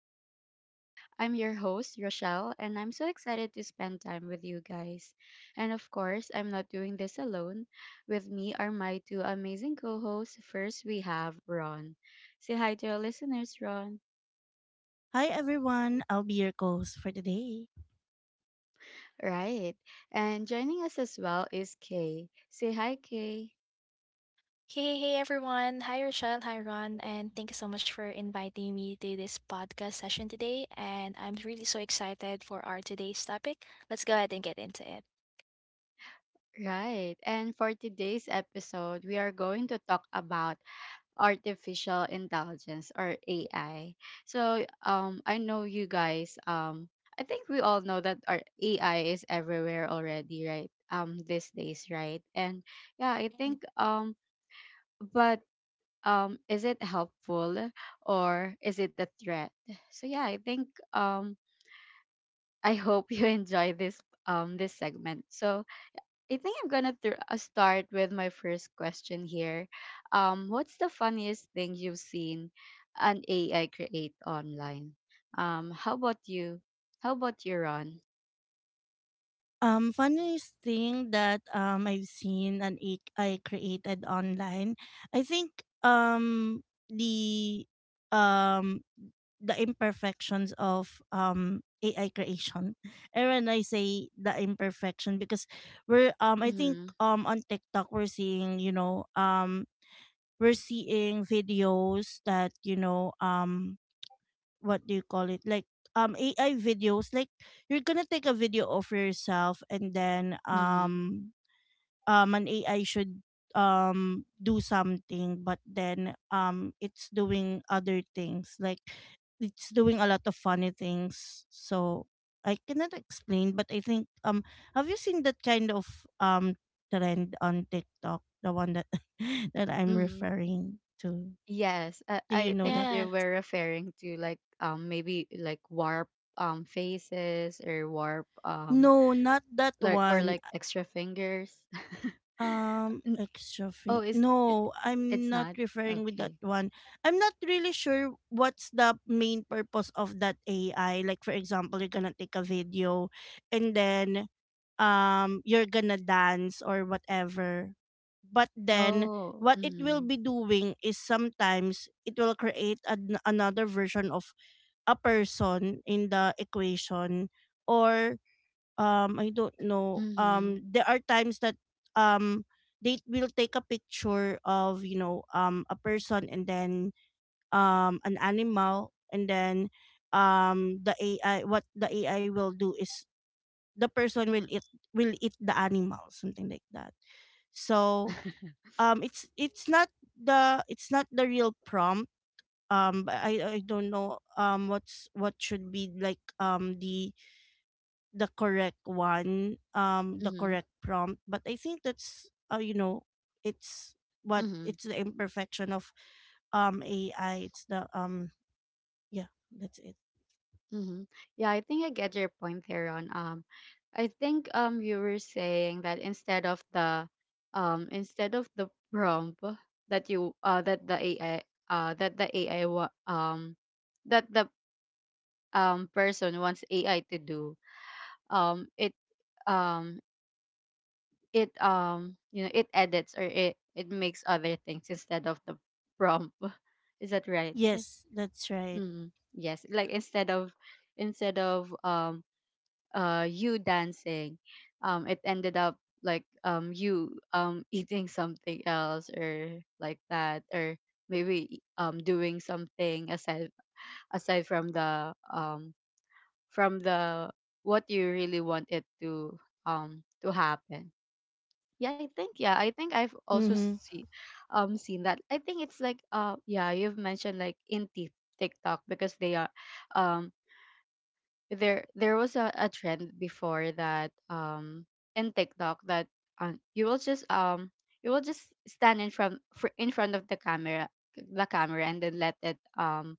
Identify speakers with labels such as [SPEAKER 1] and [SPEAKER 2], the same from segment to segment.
[SPEAKER 1] our talks. I'm your host, Rochelle, and I'm so excited to spend time with you guys. And of course, I'm not doing this alone. With me are my two amazing co hosts. First, we have Ron. Say hi to our listeners, Ron.
[SPEAKER 2] Hi everyone, I'll be your host for today.
[SPEAKER 1] Right. And joining us as well is Kay. Say hi, Kay.
[SPEAKER 3] Hey, hey everyone. Hi Rochelle, hi Ron, and thank you so much for inviting me to this podcast session today. And I'm really so excited for our today's topic. Let's go ahead and get into it.
[SPEAKER 1] Right. And for today's episode, we are going to talk about artificial intelligence or AI. So I know you guys I think we all know that our AI is everywhere already, right? These days, right? And yeah, I think
[SPEAKER 3] Right.
[SPEAKER 1] but is it helpful or is it a threat? So yeah, I think um I hope you enjoy this this segment. So I think I'm gonna start with my first question here. What's the funniest thing you've seen an AI create online? How about you? How about you, Ron?
[SPEAKER 2] Funniest thing that I've seen and I created online, I think um the um the imperfections of AI creation. And when I say the imperfection, because we're I think
[SPEAKER 1] Mm-hmm.
[SPEAKER 2] on TikTok we're seeing, you know, we're seeing videos that, you know, what do you call it, like AI videos, like you're gonna take a video of yourself and then
[SPEAKER 1] Mm-hmm.
[SPEAKER 2] an AI should do something, but then it's doing other things, like it's doing a lot of funny things. So I cannot explain, but I think have you seen that kind of um trend on TikTok, the one that that I'm
[SPEAKER 1] Mm-hmm.
[SPEAKER 2] referring to?
[SPEAKER 1] Yes, I,
[SPEAKER 2] Do you
[SPEAKER 1] I
[SPEAKER 2] know
[SPEAKER 1] think
[SPEAKER 2] that?
[SPEAKER 1] you
[SPEAKER 3] Yeah.
[SPEAKER 1] were referring to like maybe like warp faces or warp
[SPEAKER 2] No, not that
[SPEAKER 1] like or
[SPEAKER 2] one.
[SPEAKER 1] like extra fingers. N-
[SPEAKER 2] Extra
[SPEAKER 1] oh,
[SPEAKER 2] fee.
[SPEAKER 1] is it,
[SPEAKER 2] No,
[SPEAKER 1] it's
[SPEAKER 2] I'm not
[SPEAKER 1] not
[SPEAKER 2] referring with
[SPEAKER 1] okay.
[SPEAKER 2] that one. I'm not really sure what's the main purpose of that AI. Like for example, you're gonna take a video, and then, you're gonna dance or whatever. But then,
[SPEAKER 1] Oh,
[SPEAKER 2] what it will
[SPEAKER 1] mm-hmm.
[SPEAKER 2] be doing is sometimes it will create another version of a person in the equation, or I don't know.
[SPEAKER 1] mm-hmm.
[SPEAKER 2] There are times that um they will take a picture of, you know, a person, and then an animal, and then the AI, what the AI will do is the person will eat, will eat the animal, something like that. So um it's it's not it's not the real prompt. But I don't know what's what should be like the correct one, the
[SPEAKER 1] Mm-hmm.
[SPEAKER 2] correct prompt. But I think that's you know, it's what
[SPEAKER 1] Mm-hmm.
[SPEAKER 2] it's the imperfection of AI. It's the yeah, that's it.
[SPEAKER 1] Mm-hmm. Yeah, I think I get your point there on I think you were saying that instead of the prompt that you uh that the AI uh that the AI that the person wants AI to do um it um it you know it edits or it makes other things instead of the prompt. Is that right?
[SPEAKER 2] Yes, that's right.
[SPEAKER 1] Mm, yes, like instead of you dancing, it ended up like you eating something else or like that or maybe doing something aside aside from the what you really want it to happen. Yeah, I think I've also
[SPEAKER 2] Mm-hmm.
[SPEAKER 1] seen that. I think it's like yeah, you've mentioned like in TikTok because they are um there was a trend before that in TikTok that um, you will just um you will just stand in front of the camera and then let it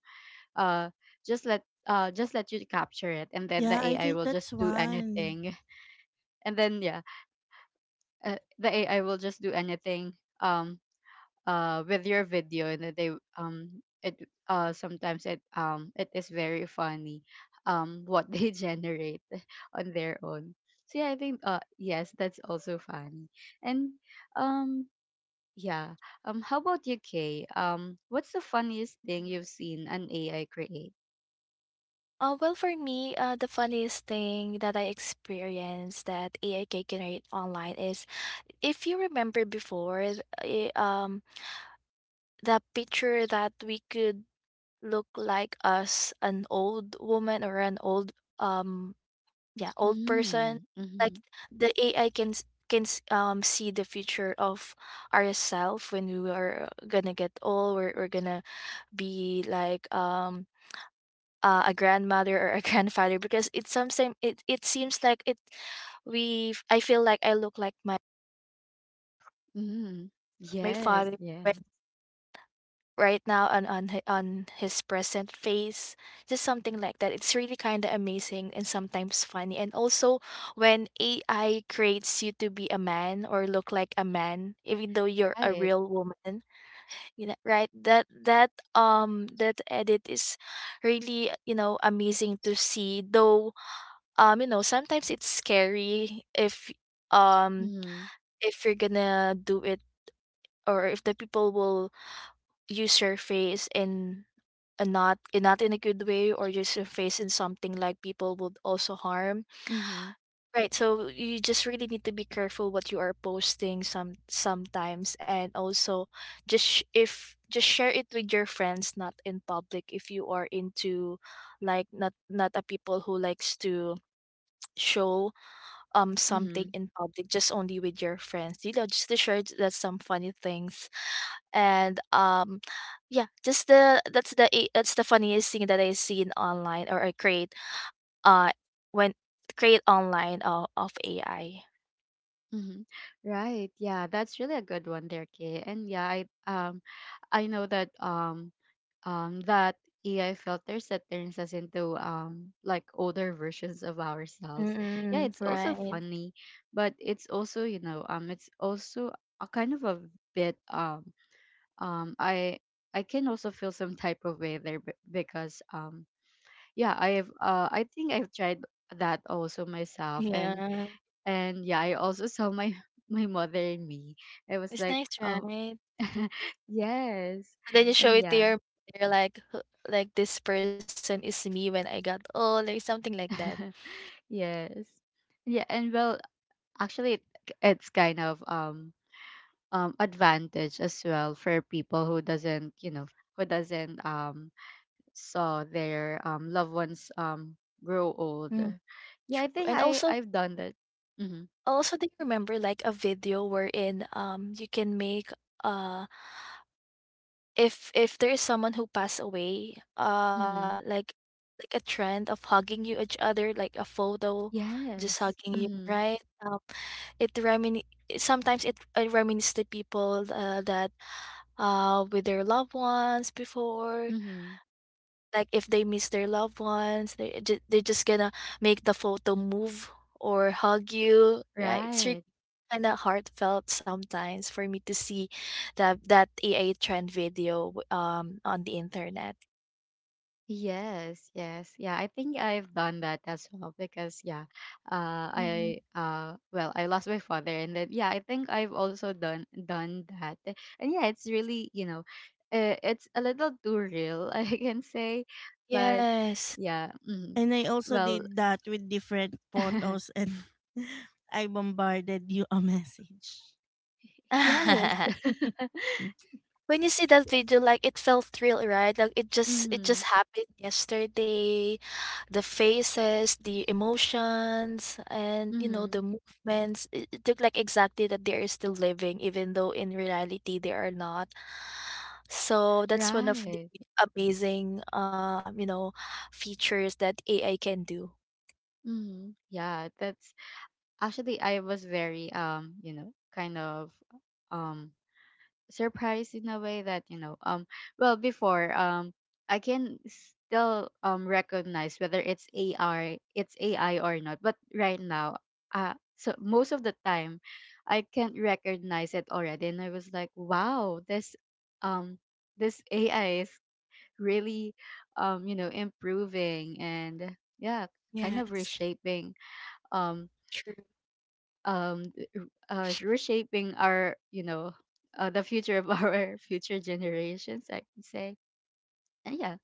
[SPEAKER 1] uh just let you capture it and then the
[SPEAKER 2] Yeah, I
[SPEAKER 1] AI
[SPEAKER 2] think
[SPEAKER 1] will just
[SPEAKER 2] that's
[SPEAKER 1] do
[SPEAKER 2] one.
[SPEAKER 1] anything and then yeah the AI will just do anything um with your video and then they um it sometimes it it is very funny what they generate on their own so yeah I think yes that's also funny and um yeah how about you, Kay? What's the funniest thing
[SPEAKER 3] Mhm.
[SPEAKER 1] you've seen an ai create
[SPEAKER 3] For me, the funniest thing that I experienced that AI can generate online is if you remember before, the picture that we could look like us, an old woman or an old um yeah, old person.
[SPEAKER 1] mm,
[SPEAKER 3] Like
[SPEAKER 1] mm-hmm,
[SPEAKER 3] the AI can see the future of ourself when we are gonna get old. We're gonna be like a grandmother or a grandfather, because it sometimes it it seems like it we I feel like I look like my
[SPEAKER 1] mm-hmm.
[SPEAKER 3] my
[SPEAKER 1] Yes,
[SPEAKER 3] father
[SPEAKER 1] yes.
[SPEAKER 3] right now on on his present face. Just something like that, it's really kind of amazing and sometimes funny. And also when AI creates you to be a man or look like a man even though you're a
[SPEAKER 1] Right.
[SPEAKER 3] real woman, you know, right, that that edit is really, you know, amazing to see. Though, you know, sometimes it's scary um
[SPEAKER 1] Mm-hmm.
[SPEAKER 3] if you're gonna do it, or if the people will use your face in, and not — and not in a good way, or just your face in something like people would also harm,
[SPEAKER 1] Mm-hmm.
[SPEAKER 3] right? So you just really need to be careful what you are posting sometimes. And also just if just share it with your friends, not in public. If you are into, like, not a people who likes to show something in public, just only with your friends, you know, just to share that some funny things. And yeah, just the that's the I- that's the funniest thing that I seen online or I create, uh when create online of AI.
[SPEAKER 1] Hmm. Right. Yeah, that's really a good one there, Kay. And yeah, I know that that AI filters that turns us into like older versions of ourselves. Yeah,
[SPEAKER 3] Mm,
[SPEAKER 1] it's also
[SPEAKER 3] right.
[SPEAKER 1] funny, but it's also, you know, it's also a kind of a bit um I I can also feel some type of way there because yeah, I have I think I've tried that also myself
[SPEAKER 3] Yeah,
[SPEAKER 1] and yeah I also saw my my mother and me I was
[SPEAKER 3] it's
[SPEAKER 1] like
[SPEAKER 3] nice,
[SPEAKER 1] oh
[SPEAKER 3] right?
[SPEAKER 1] yes
[SPEAKER 3] And then you show
[SPEAKER 1] and
[SPEAKER 3] it to
[SPEAKER 1] yeah
[SPEAKER 3] your — you're like, "Huh, like this person is me when I got old," or something like that.
[SPEAKER 1] yes yeah and well actually it's kind of advantage as well for people who doesn't you know who doesn't saw their loved ones grow
[SPEAKER 3] Mm,
[SPEAKER 1] old yeah
[SPEAKER 3] true.
[SPEAKER 1] I
[SPEAKER 3] And
[SPEAKER 1] think
[SPEAKER 3] also,
[SPEAKER 1] I've done that mm-hmm.
[SPEAKER 3] also, do you remember like a video wherein you can make uh if there is someone who passed away, uh,
[SPEAKER 1] Mm-hmm.
[SPEAKER 3] like like a trend of hugging you each other, like a photo, just
[SPEAKER 1] Yes.
[SPEAKER 3] hugging you,
[SPEAKER 1] Mm-hmm.
[SPEAKER 3] right? It remin sometimes it reminisces the people that with their loved ones before.
[SPEAKER 1] Mm-hmm.
[SPEAKER 3] Like if they miss their loved ones, they're just gonna make the photo move or hug you, right? It's
[SPEAKER 1] Right.
[SPEAKER 3] kind of heartfelt sometimes for me to see that, that AI trend video on the internet.
[SPEAKER 1] Yes, yes. Yeah, I think I've done that as well because yeah,
[SPEAKER 3] Mhm.
[SPEAKER 1] I well, I lost my father and then yeah, I think I've also done that. And yeah, it's really, you know, it's a little too real, I can say, but
[SPEAKER 3] Yes.
[SPEAKER 1] yeah, mm,
[SPEAKER 2] And I also
[SPEAKER 1] well,
[SPEAKER 2] did that with different photos and I bombarded you a message.
[SPEAKER 1] yes.
[SPEAKER 3] When you see that video, like, it felt real, right? Like it just — it
[SPEAKER 1] Mm-hmm.
[SPEAKER 3] just happened yesterday. The faces, the emotions, and you know,
[SPEAKER 1] Mm-hmm.
[SPEAKER 3] the movements. It looked like exactly that they are still living, even though in reality they are not. So that's one of the
[SPEAKER 1] Right.
[SPEAKER 3] amazing, you know, features that AI can do.
[SPEAKER 1] Mm-hmm. Yeah, that's actually I was very you know, kind of um surprised in a way that you know well before I can still recognize whether it's AI or not but right now so most of the time I can't recognize it already and I was like wow this um this AI is really you know improving and yeah kind of
[SPEAKER 3] Yes,
[SPEAKER 1] reshaping um
[SPEAKER 3] true.
[SPEAKER 1] um reshaping our you know the future of our future generations I can say and yeah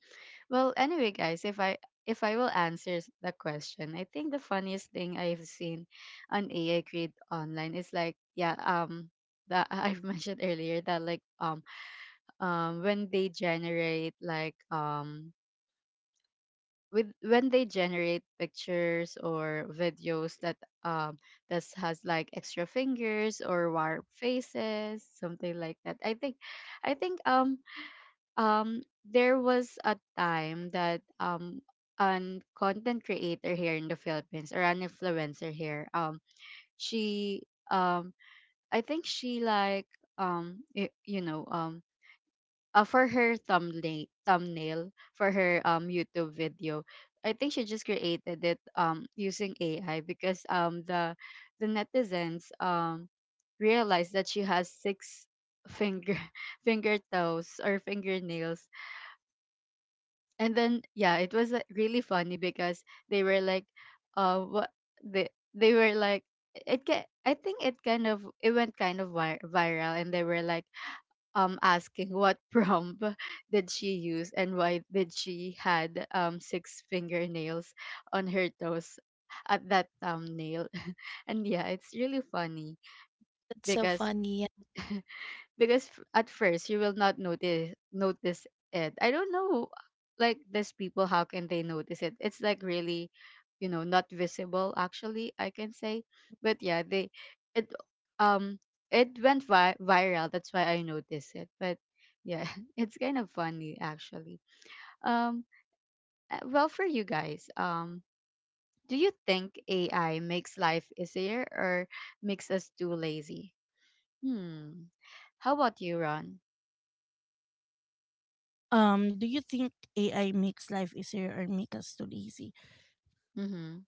[SPEAKER 1] well anyway guys if I if I will answer the question I think the funniest thing I've seen on AI create online is like yeah that I've mentioned earlier that like when they generate like with when they generate pictures or videos that um that has like extra fingers or warped faces something like that I think I think um there was a time that an content creator here in the Philippines or an influencer here she um I think she like you know for her thumbnail for her YouTube video. I think she just created it using AI because the netizens realized that she has six finger finger toes or fingernails and then yeah it was like, really funny because they were like what they they were like it I think it kind of it went kind of viral and they were like asking what prompt did she use and why did she had six fingernails on her toes at that thumbnail and yeah it's really funny
[SPEAKER 3] That's so
[SPEAKER 1] because
[SPEAKER 3] funny. Yeah.
[SPEAKER 1] at first you will not notice it I don't know like these people how can they notice it it's like really you know not visible actually I can say but yeah they it um it went viral that's why I noticed it but yeah it's kind of funny actually um well for you guys do you think AI makes life easier or makes us too lazy hmm how about you, Ron?
[SPEAKER 2] Do you think AI makes life easier or make us too lazy?
[SPEAKER 1] Mm-hmm.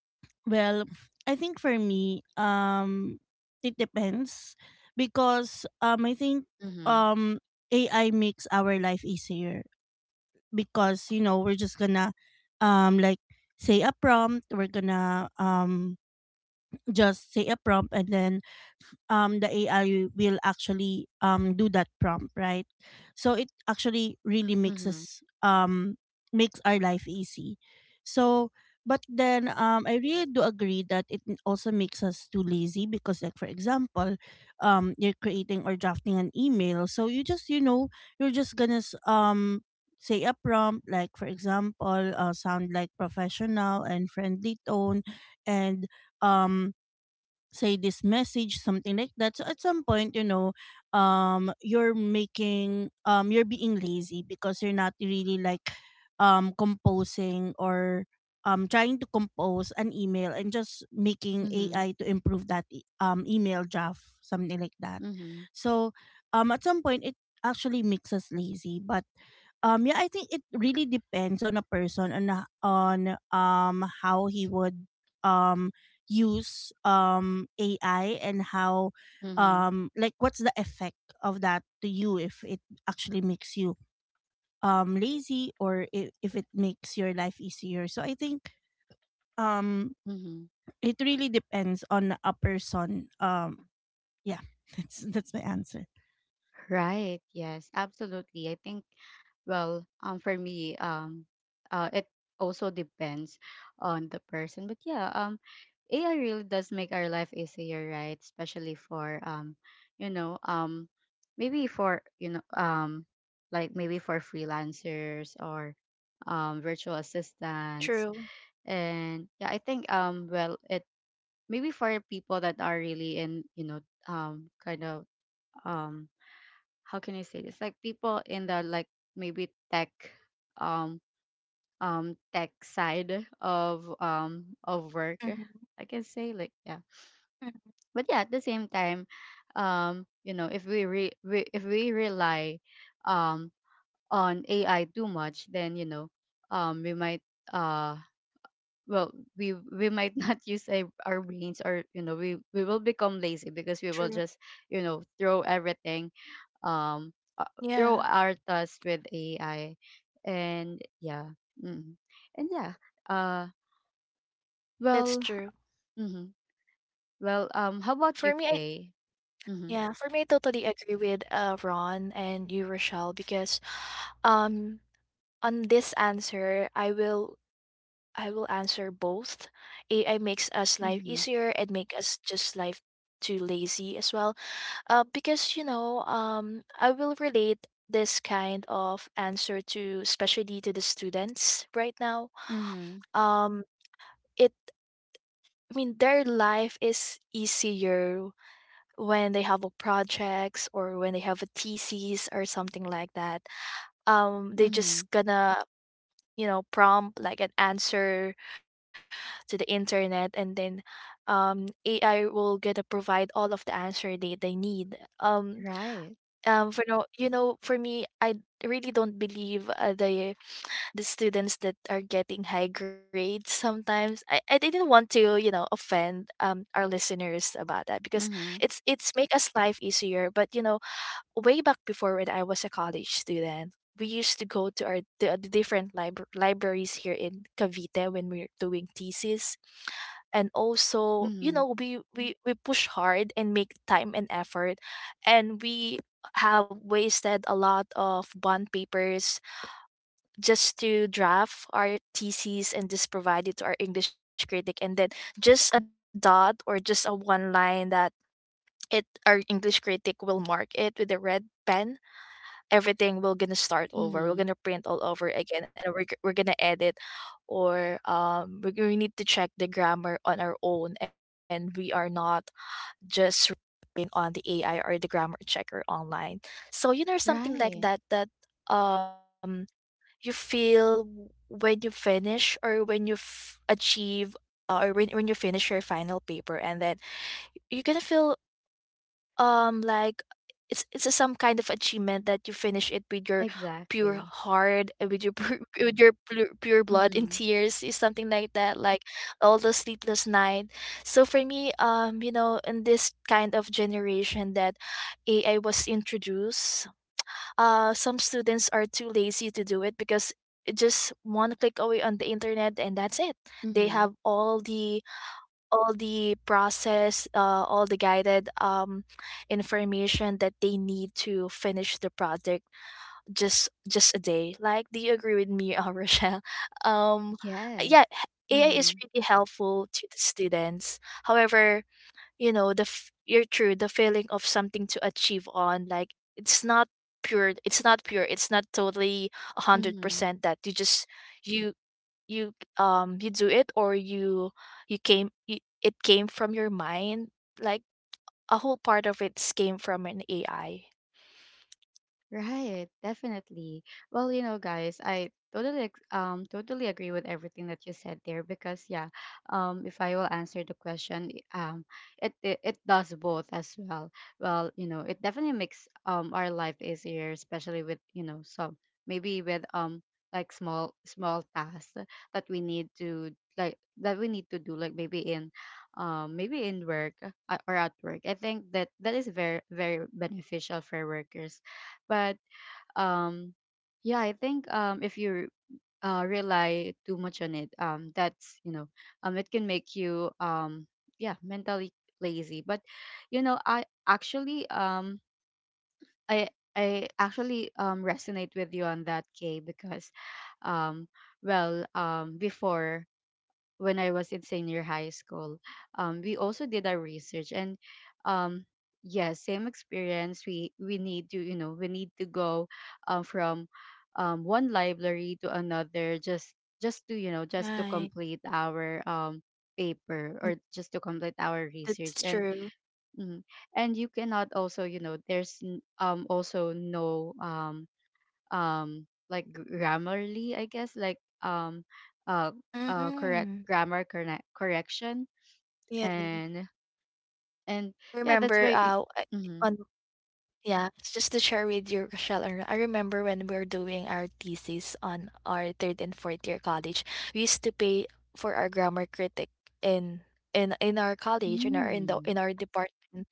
[SPEAKER 2] Well, I think for me, it depends, because I think
[SPEAKER 1] Mhm.
[SPEAKER 2] um, AI makes our life easier, because you know we're just gonna like say a prompt, we're gonna just say a prompt, and then the AI will actually do that prompt, right? So it actually really makes
[SPEAKER 1] Mhm.
[SPEAKER 2] us makes our life easy. So but then I really do agree that it also makes us too lazy, because like for example, you're creating or drafting an email. So you just, you know, you're just gonna say a prompt, like for example sound like professional and friendly tone, and um say this message, something like that. So at some point, you know, you're making you're being lazy, because you're not really like composing or trying to compose an email, and just making
[SPEAKER 1] Mhm.
[SPEAKER 2] ai to improve that email draft, something like that.
[SPEAKER 1] Mhm.
[SPEAKER 2] So at some point it actually makes us lazy. But yeah, I think it really depends on a person, on on how he would um use AI, and how
[SPEAKER 1] Mhm.
[SPEAKER 2] like what's the effect of that to you, if it actually makes you lazy, or if it makes your life easier. So I think um
[SPEAKER 1] Mhm.
[SPEAKER 2] it really depends on a person. Yeah, that's my answer.
[SPEAKER 1] Right. Yes, absolutely. I think well, for me, it also depends on the person. But yeah, AI really does make our life easier, right? Especially for you know, maybe for, you know, like maybe for freelancers or virtual
[SPEAKER 3] True.
[SPEAKER 1] assistants. And yeah, I think well, it maybe for people that are really in you know kind of um how can I say this like people in the like maybe tech um tech side of
[SPEAKER 3] Hmm.
[SPEAKER 1] work I can say like yeah but yeah at the same time you know if we rely um on AI too much then you know we might uh well we might not use our brains or you know we will become lazy because we
[SPEAKER 3] True.
[SPEAKER 1] will just you know throw everything um uh,
[SPEAKER 3] Yeah,
[SPEAKER 1] throw our tasks with AI and yeah mm and yeah uh
[SPEAKER 3] that's
[SPEAKER 1] well
[SPEAKER 3] true.
[SPEAKER 1] mm-hmm. Well how about you,
[SPEAKER 3] For me, I
[SPEAKER 1] Kay? Mm-hmm.
[SPEAKER 3] Yeah, for me, I totally agree with Ron and you, Rochelle, because um on this answer, I will answer both. AI makes us life
[SPEAKER 1] Mm-hmm.
[SPEAKER 3] easier and make us just life too lazy as well. Because you know, I will relate this kind of answer to, especially to the students right now.
[SPEAKER 1] Mm-hmm.
[SPEAKER 3] Um, it I mean their life is easier when they have a projects, or when they have a thesis or something like that. Um, they
[SPEAKER 1] Mm-hmm.
[SPEAKER 3] just gonna, you know, prompt like an answer to the internet, and then AI will gonna provide all of the answer they need.
[SPEAKER 1] Right.
[SPEAKER 3] For no, you know, for me, I really don't believe the students that are getting high grades sometimes. I didn't want to, you know, offend our listeners about that because
[SPEAKER 1] Mm-hmm.
[SPEAKER 3] it's — it's make us life easier. But you know, way back before when I was a college student, we used to go to our, the different libraries here in Cavite when we we're doing thesis, and also, you
[SPEAKER 1] Mm-hmm.
[SPEAKER 3] know, we push hard and make time and effort, and we have wasted a lot of bond papers just to draft our theses and just provide it to our English critic, and then just a dot or just a one line that it our English critic will mark it with a red pen. Everything, we're gonna start over.
[SPEAKER 1] Mm-hmm.
[SPEAKER 3] We're gonna print all over again, and we're gonna edit, or we need to check the grammar on our own, and we are not just relying on the AI or the grammar checker online. So, you know, something
[SPEAKER 1] Right.
[SPEAKER 3] like that, that um you feel when you finish, or when you achieve, or when you finish your final paper. And then you're gonna feel, um, like, it's a, some kind of achievement that you finish it with your pure
[SPEAKER 1] Exactly.
[SPEAKER 3] heart, and with your pure, with your pure, pure blood and
[SPEAKER 1] Mm-hmm.
[SPEAKER 3] tears is something like that. Like, all the sleepless night. So for me, um, you know, in this kind of generation that AI was introduced, uh, some students are too lazy to do it, because it just one click away on the internet, and that's it. They
[SPEAKER 1] Mm-hmm.
[SPEAKER 3] have all the, all the process, all the guided, information that they need to finish the project just a day. Like, do you agree with me, Rochelle? Um,
[SPEAKER 1] Yes.
[SPEAKER 3] yeah, AI is
[SPEAKER 1] Mm-hmm.
[SPEAKER 3] really helpful to the students. However, you know, the you're true, the feeling of something to achieve on, like, it's not pure, it's not pure, it's not totally
[SPEAKER 1] Mm-hmm.
[SPEAKER 3] 100%, that you just — you — you, um, you do it, or you — you came — you, it came from your mind. Like, a whole part of it came from an AI.
[SPEAKER 1] Right, definitely. Well, you know, guys, I totally totally agree with everything that you said there because yeah, if I will answer the question, it it does both as well. Well, you know, it definitely makes our life easier, especially with, you know, some maybe with like small tasks that we need to like that we need to do like maybe in maybe in work or at work. I think that that is very beneficial for workers but um yeah I think if you rely too much on it that's you know it can make you yeah mentally lazy but you know I I actually resonate with you on that, K, because um well before when I was in senior high school. We also did our research, and um, yes, same experience. We need to you know we need to go from one library to another just to you know just to
[SPEAKER 3] Right.
[SPEAKER 1] complete our paper
[SPEAKER 3] Mm,
[SPEAKER 1] or just to complete our research
[SPEAKER 3] that's
[SPEAKER 1] and
[SPEAKER 3] true.
[SPEAKER 1] mm, and you cannot also you know there's also no like grammarly I guess like uh correct
[SPEAKER 3] Mm-hmm.
[SPEAKER 1] grammar correction and and yeah that's
[SPEAKER 3] remember
[SPEAKER 1] why
[SPEAKER 3] I-
[SPEAKER 1] mm-hmm.
[SPEAKER 3] on Yeah, just to share with you, Rochelle and Ro-, I remember when we were doing our thesis on our third and fourth year college, we used to pay for our grammar critic in in our college, in our, in the,
[SPEAKER 1] mm,
[SPEAKER 3] in our department,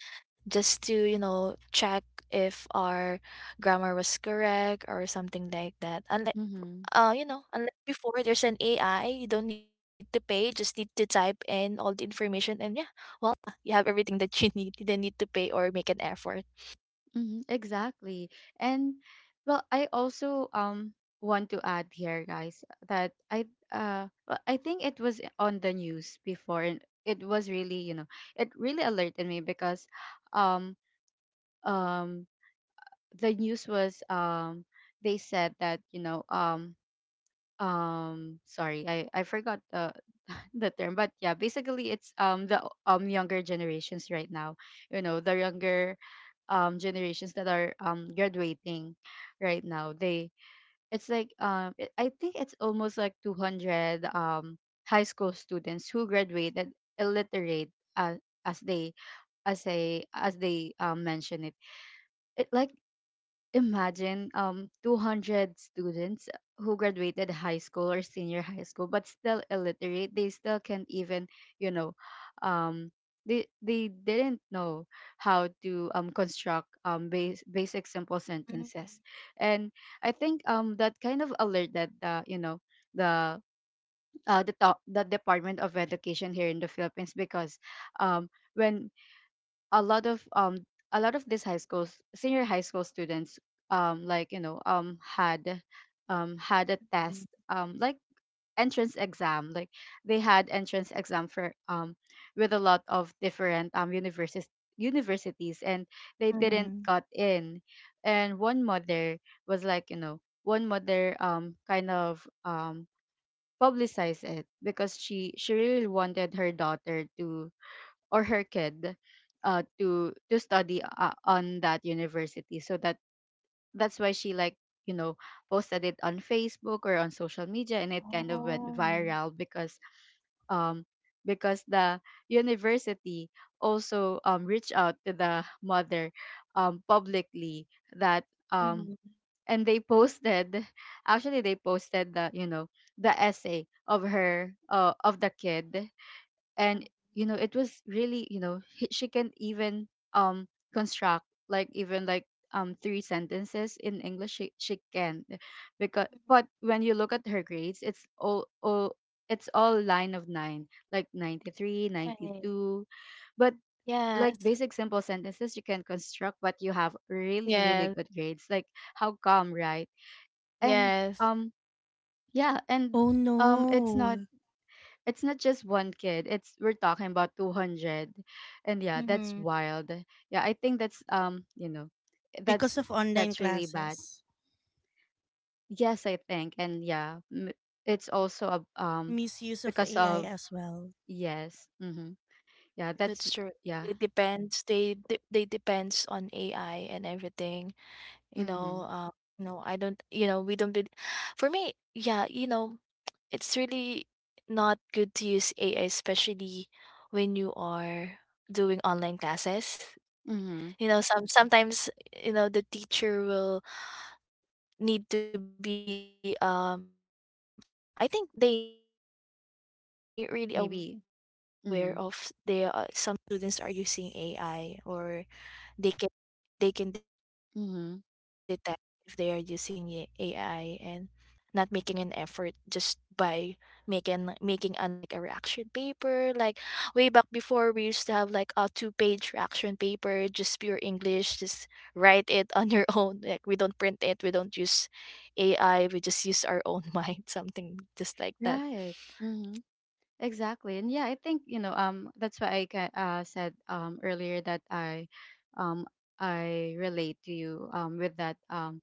[SPEAKER 3] just to, you know, check if our grammar was correct or something like that. And
[SPEAKER 1] mm-hmm,
[SPEAKER 3] you know, unlike before, there's an AI. You don't need to pay. Just need to type in all the information, and yeah, well, you have everything that you need. You don't need to pay or make an effort.
[SPEAKER 1] mm-hmm, exactly. And well i also um want to add here, guys, that I, well, I think it was on the news before and it was really, you know, it really alerted me because um um the news was, they said that, you know, sorry, I forgot the the term, but yeah, basically it's the younger generations right now, you know, the younger generations that are graduating right now. They it's like um it, i think it's almost like 200 high school students who graduated illiterate, as they mention it. it like Imagine 200 students who graduated high school or senior high school but still illiterate. They still can't even, you know, um they didn't know how to construct basic simple
[SPEAKER 3] Mm-hmm.
[SPEAKER 1] sentences. And I think that kind of alert that, you know, the the Department of Education here in the Philippines, because um when a lot of um a lot of these high schools senior high school students like, you know, had had a test, like entrance exam, like they had entrance exam for with a lot of different universities, and they didn't
[SPEAKER 3] Mm-hmm.
[SPEAKER 1] got in. And one mother was like, you know, one mother kind of publicized it because she really wanted her daughter to, or her kid, to study, on that university, so that, that's why she, like, you know, posted it on Facebook or on social media, and it kind of went
[SPEAKER 3] Oh.
[SPEAKER 1] viral. Because um because the university also reached out to the mother publicly. That um
[SPEAKER 3] Mm-hmm.
[SPEAKER 1] and they posted, actually they posted the, you know, the essay of her of the kid. And, you know, it was really, you know, she can even um construct like even like three sentences in English. She can. Because but when you look at her grades, it's all, it's all line of nine, like ninety three
[SPEAKER 3] Right.
[SPEAKER 1] ninety two But like
[SPEAKER 3] Yes.
[SPEAKER 1] basic simple sentences you can construct, but you have really
[SPEAKER 3] Yes,
[SPEAKER 1] really good grades, like, how come, right? and
[SPEAKER 3] yes.
[SPEAKER 1] um yeah and
[SPEAKER 2] Oh
[SPEAKER 1] um it's not,
[SPEAKER 2] no.
[SPEAKER 1] it's not just one kid. It's, we're talking about 200. And yeah, that's
[SPEAKER 3] Mm-hmm.
[SPEAKER 1] wild. Yeah, I think that's, you know,
[SPEAKER 2] Because
[SPEAKER 1] that's
[SPEAKER 2] of online
[SPEAKER 1] that's really bad.
[SPEAKER 2] classes.
[SPEAKER 1] Yes, I think. And yeah, it's also a, um,
[SPEAKER 2] Misuse of
[SPEAKER 1] because
[SPEAKER 2] AI
[SPEAKER 1] of,
[SPEAKER 2] as well.
[SPEAKER 1] yes. Mhm. Yeah, that's,
[SPEAKER 3] That's true.
[SPEAKER 1] yeah.
[SPEAKER 3] It depends. They depends on AI and everything. You know
[SPEAKER 1] Mhm.
[SPEAKER 3] you know I don't you know we don't bel For me, yeah, you know, it's really not good to use AI, especially when you are doing online classes.
[SPEAKER 1] Mhm.
[SPEAKER 3] You know, sometimes, you know, the teacher will need to be, um, I think they really aware of they some students are using AI,
[SPEAKER 1] Maybe.
[SPEAKER 3] or
[SPEAKER 1] Mhm.
[SPEAKER 3] they can — they can detect if they are using AI. And but you know, part of it,
[SPEAKER 1] Mhm.
[SPEAKER 3] some students are not making an effort, just by making on like a reaction paper. Like way back before, we used to have like a two-page reaction paper, just pure English, just write it on your own. Like, we don't print it, we don't use AI, we just use our own mind, something just like that.
[SPEAKER 1] Right. Mhm. Exactly. And yeah, I think, you know, that's why I said earlier that um I relate to you with that, um,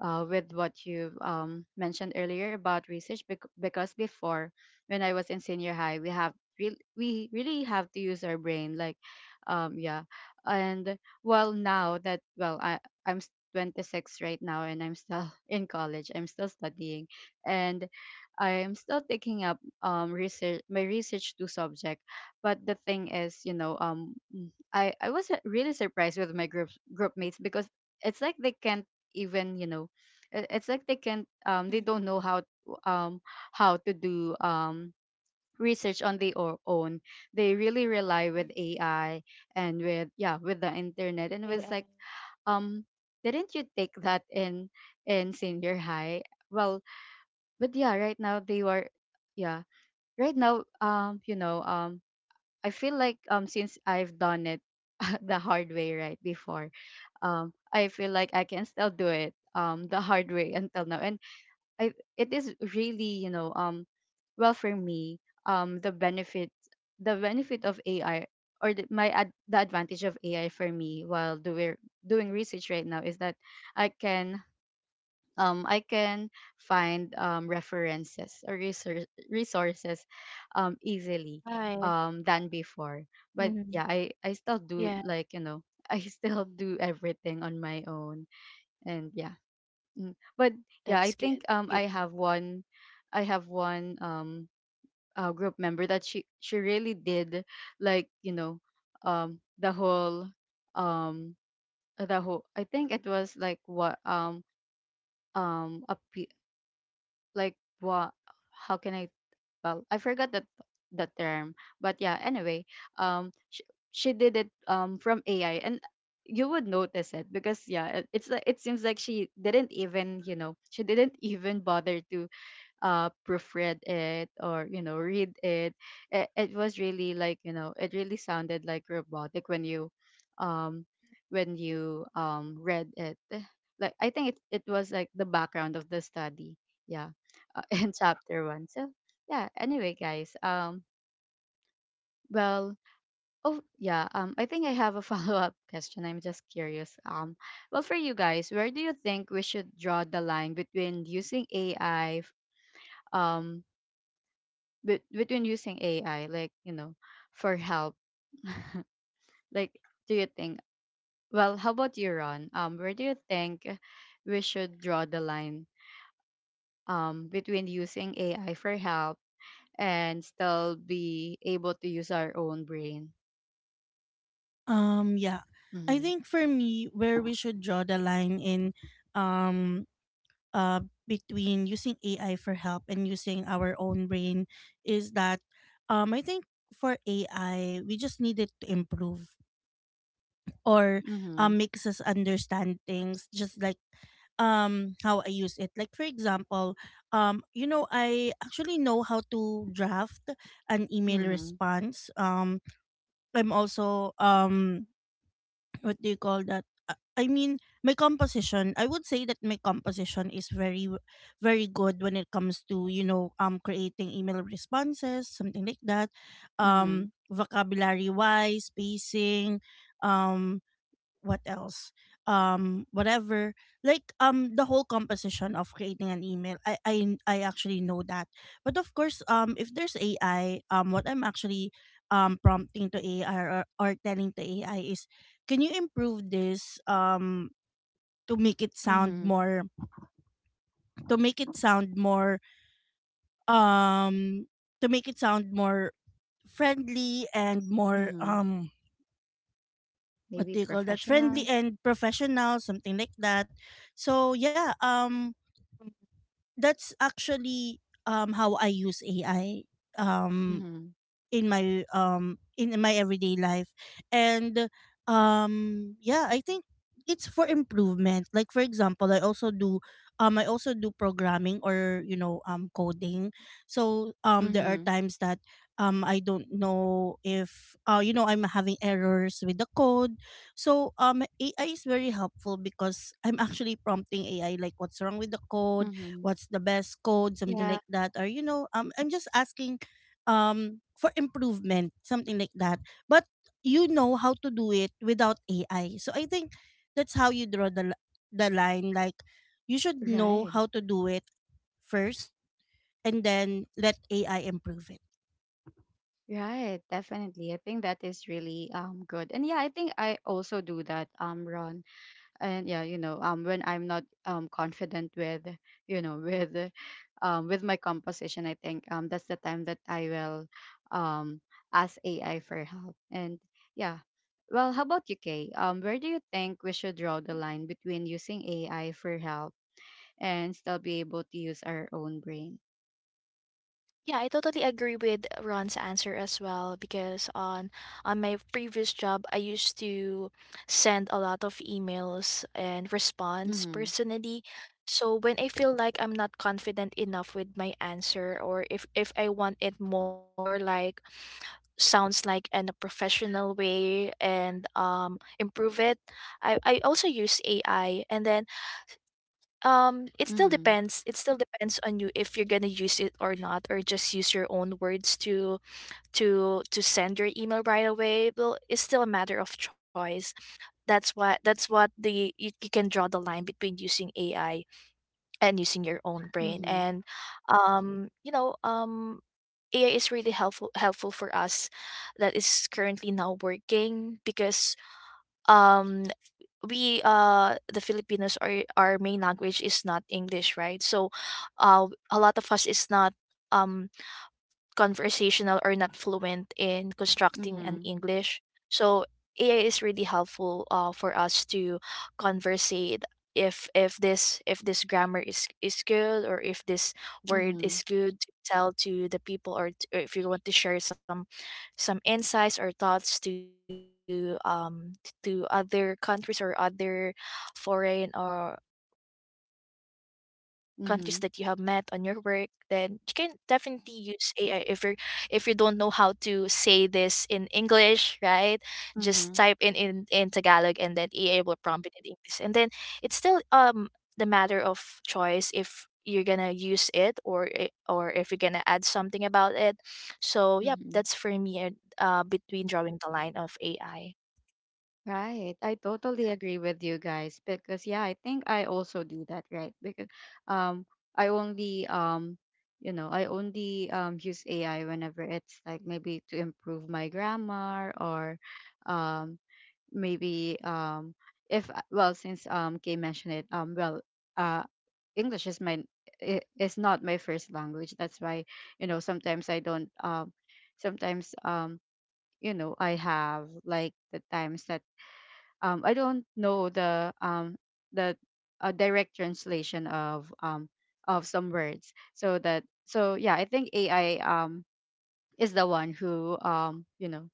[SPEAKER 1] with what you, mentioned earlier about research, because before, when I was in senior high, we we really have to use our brain, like, yeah. And well, now that, i'm s- 26 right now, and I'm still in college, I'm still studying. And I'm still taking up research, to subject. But the thing is, you know, I was, really surprised with my group mates because it's like they can't even, you know, it's like they can't, they don't know
[SPEAKER 3] Mhm,
[SPEAKER 1] um how to do research on their own. They really rely with AI
[SPEAKER 3] mhm.
[SPEAKER 1] and with, yeah, with the internet. And it was
[SPEAKER 3] AI.
[SPEAKER 1] like, um didn't you take that in senior high? Well, but yeah, right now they were, yeah, right now, um, you know, um, I feel like, um, since I've done it the hard way right before, I feel like I can still do it, um, the hard way until now. And I, it is really, you know, um, well, for me, um, the benefit of AI, or the advantage of AI for me while doing research right now, is that I can, I can find resources, easily,
[SPEAKER 3] Right.
[SPEAKER 1] than before. But yeah, I
[SPEAKER 3] Mhm.
[SPEAKER 1] I still do, like, you
[SPEAKER 3] Yeah,
[SPEAKER 1] know, I still do everything on my own. And yeah. Mm. But yeah, I think, um,
[SPEAKER 3] that's good. Good.
[SPEAKER 1] I have one, um, group member that she really did, like, you know, the whole, um the whole, I think it was like what a p like what how can I, well, I forgot that the term. But yeah, anyway, um she, she did it, um, from AI. And you would notice it because, yeah, it's like, it seems like she didn't even, you know, she didn't even bother to, proofread it or, you know, read it. It was really like, you know, it really sounded like robotic when you, um when you, um, read it. Like, I think it was like the background of the study, yeah, in chapter one. So yeah, anyway, guys, well, oh yeah, um, I think I have a follow-up question. I'm just curious, um, well, for you guys, where do you think we should draw the line between using AI? Um. Between using AI, like, you know, for help? Like, do you think? Well, how about you, Ron? Where do you think we should draw the line? Between using AI for help and still be able to use our own brain.
[SPEAKER 2] Yeah, I
[SPEAKER 1] Mm-hmm.
[SPEAKER 2] think for me, where we should draw the line in, um, uh, between using AI for help and using our own brain is that, I think for AI, we just need it to improve or
[SPEAKER 1] Mm-hmm.
[SPEAKER 2] makes us understand things, just like how I use it. Like for example, you know I actually know how to draft an email
[SPEAKER 1] Mm-hmm.
[SPEAKER 2] response. I'm also what do you call that? I mean, my composition. I would say that my composition is very good when it comes to, you know, creating email responses, something like that.
[SPEAKER 1] Mm-hmm.
[SPEAKER 2] Vocabulary wise, spacing, um, what else whatever, like the whole composition of creating an email, I actually know that. But of course if there's ai, what I'm actually prompting to ai, or telling to ai is can you improve this to make it sound
[SPEAKER 1] Mm-hmm.
[SPEAKER 2] more to make it sound more to make it sound more friendly and more
[SPEAKER 1] Mm-hmm.
[SPEAKER 2] what
[SPEAKER 1] Maybe
[SPEAKER 2] do you call that, friendly
[SPEAKER 1] professional.
[SPEAKER 2] and professional, something like that. So yeah,
[SPEAKER 3] Mm.
[SPEAKER 2] that's actually how I use AI. Um
[SPEAKER 1] Mm-hmm.
[SPEAKER 2] in my in my everyday life. And yeah, I think it's for improvement. Like for example, I also do I also do programming, or you know, coding. So there are
[SPEAKER 1] Mm-hmm.
[SPEAKER 2] times that I don't know if, you know, I'm having errors with the code. So ai is very helpful, because I'm actually prompting ai like what's wrong with the code,
[SPEAKER 1] Mm-hmm.
[SPEAKER 2] what's the best code, something like
[SPEAKER 3] Yeah.
[SPEAKER 2] that. Or you know, I'm just asking for improvement, something like that. But you know how to do it without ai. So I think that's how you draw the the line. Like you should know
[SPEAKER 1] Right.
[SPEAKER 2] how to do it first, and then let ai improve it.
[SPEAKER 1] Right, definitely. I think that is really, um, good. And yeah, I think I also do that, Ron. And yeah, you know, um, when I'm not, um, confident with, you know, with, with my composition, I think, um, that's the time that I will, um, ask AI for help. And yeah, well, how about you, Kay? Um, where do you think we should draw the line between using AI for help and still be able to use our own brain?
[SPEAKER 3] Yeah, I totally agree with Ron's answer as well, because on my previous job I used to send a lot of emails and response
[SPEAKER 1] Mm-hmm.
[SPEAKER 3] personally. So when I feel like I'm not confident enough with my answer, or if I want it more like sounds like in a professional way and improve it, I also use AI, and then, it still
[SPEAKER 1] Mm-hmm.
[SPEAKER 3] depends. It still depends on you if you're gonna use it or not, or just use your own words to to send your email right away. Well, it's still a matter of choice. That's what — that's what the, you can draw the line between using AI and using your own brain.
[SPEAKER 1] Mm-hmm.
[SPEAKER 3] And, you know, AI is really helpful for us that is currently now working, because, um, we the Filipinos are, our main language is not English, right? So a lot of us is not, um, conversational or not fluent in constructing an
[SPEAKER 1] Mm-hmm.
[SPEAKER 3] English. So AI is really helpful, for us to conversate if this if this grammar is good, or if this word
[SPEAKER 1] Mm-hmm.
[SPEAKER 3] is good to tell to the people, or, or if you want to share some insights or thoughts to, um, to other countries or other foreign or countries that you have met on your work.
[SPEAKER 1] Mm-hmm.
[SPEAKER 3] Then you can definitely use AI if you're — if you don't know how to say this in English, right? Just type in in
[SPEAKER 1] Mm-hmm.
[SPEAKER 3] Tagalog, and then EA will prompt it in English. And then it's still, um, the matter of choice if you're gonna use it or or if you're gonna add something about it. So yep, that's for
[SPEAKER 1] Mm-hmm.
[SPEAKER 3] me, between drawing the line of AI.
[SPEAKER 1] Right. I totally agree with you guys because, yeah, I think I also do that, right? Because, um, I only, um, you know, I only, um, use AI whenever it's like, maybe to improve my grammar, or, um, maybe, um, if, well, since, um, Kay mentioned it, um, well, uh, English is my, is not my first language. That's why, you know, sometimes I don't, um, sometimes, um, you know, I have like the times that, I don't know the, the, direct translation of, of some words. So that, so yeah, I think AI, is the one who, you know,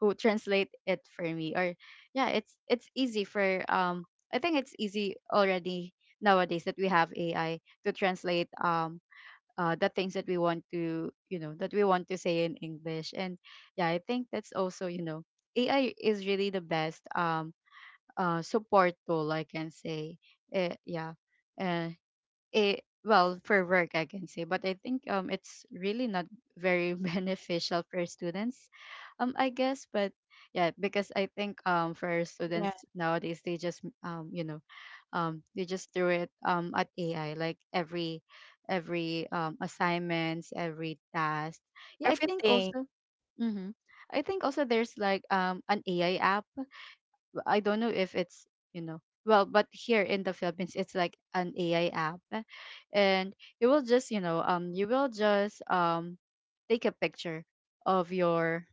[SPEAKER 1] who translate it for me. Or yeah, it's easy for, I think it's easy already nowadays that we have AI to translate, the things that we want to, you know, that we want to say in English. And yeah, I think that's also, you know, AI is really the best, um, support tool, I can say. Eh, yeah. Uh, it, well, for work, I can say. But I think, it's really not very beneficial for students, I guess. But yeah, because I think, for
[SPEAKER 3] Yeah,
[SPEAKER 1] students nowadays, they just, you know, they just threw it, at AI, like every assignments, every task. Yeah, I think also.
[SPEAKER 3] everything.
[SPEAKER 1] Mm-hmm. I think also there's like, um, an AI app. I don't know if it's, you know, well, but here in the Philippines, it's like an AI app, eh, and you will just, you know, um, you will just, um, take a picture of your,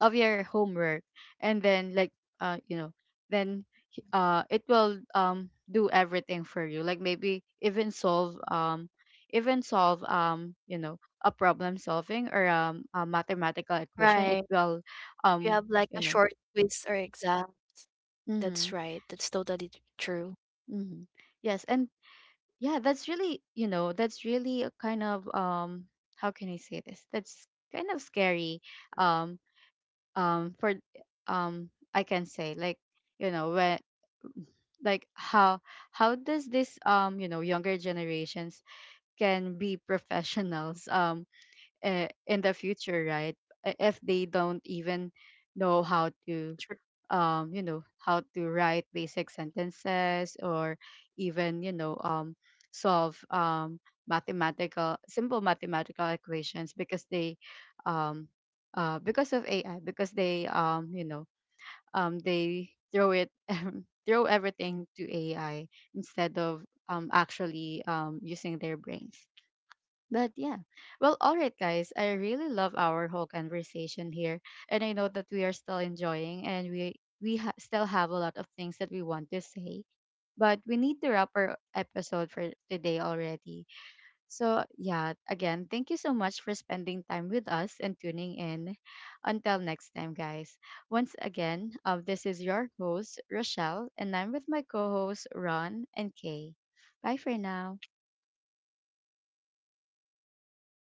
[SPEAKER 1] of your homework, and then, like, uh, you know, then, it will, um, do everything for you, like maybe even solve, um, you know, a problem solving or, um, a mathematical equation. It
[SPEAKER 3] Right.
[SPEAKER 1] will,
[SPEAKER 3] If you
[SPEAKER 1] um,
[SPEAKER 3] have like
[SPEAKER 1] you
[SPEAKER 3] a
[SPEAKER 1] know.
[SPEAKER 3] short quiz or exam, that's
[SPEAKER 1] Mm-hmm,
[SPEAKER 3] right. That's totally true.
[SPEAKER 1] mm-hmm. Yes, and yeah, that's really, you know, that's really a kind of, um, how can I say this, that's kind of scary. um for, um, I can say, like, you know, when, like, how does this, um, you know, younger generations can be professionals, um, in the future, right? I- If they don't even know how to, you know, how to write basic sentences, or even, you know, solve, mathematical, simple mathematical equations, because they, um, because of AI, because they, you know, they throw it, throw everything to AI instead of, actually, using their brains. But yeah. Well, all right, guys. I really love our whole conversation here. And I know that we are still enjoying, and we still have a lot of things that we want to say. But we need to wrap our episode for today already. So yeah, again, thank you so much for spending time with us and tuning in. Until next time, guys. Once again, this is your host, Rochelle, and I'm with my co hosts, Ron and Kay. Bye for now.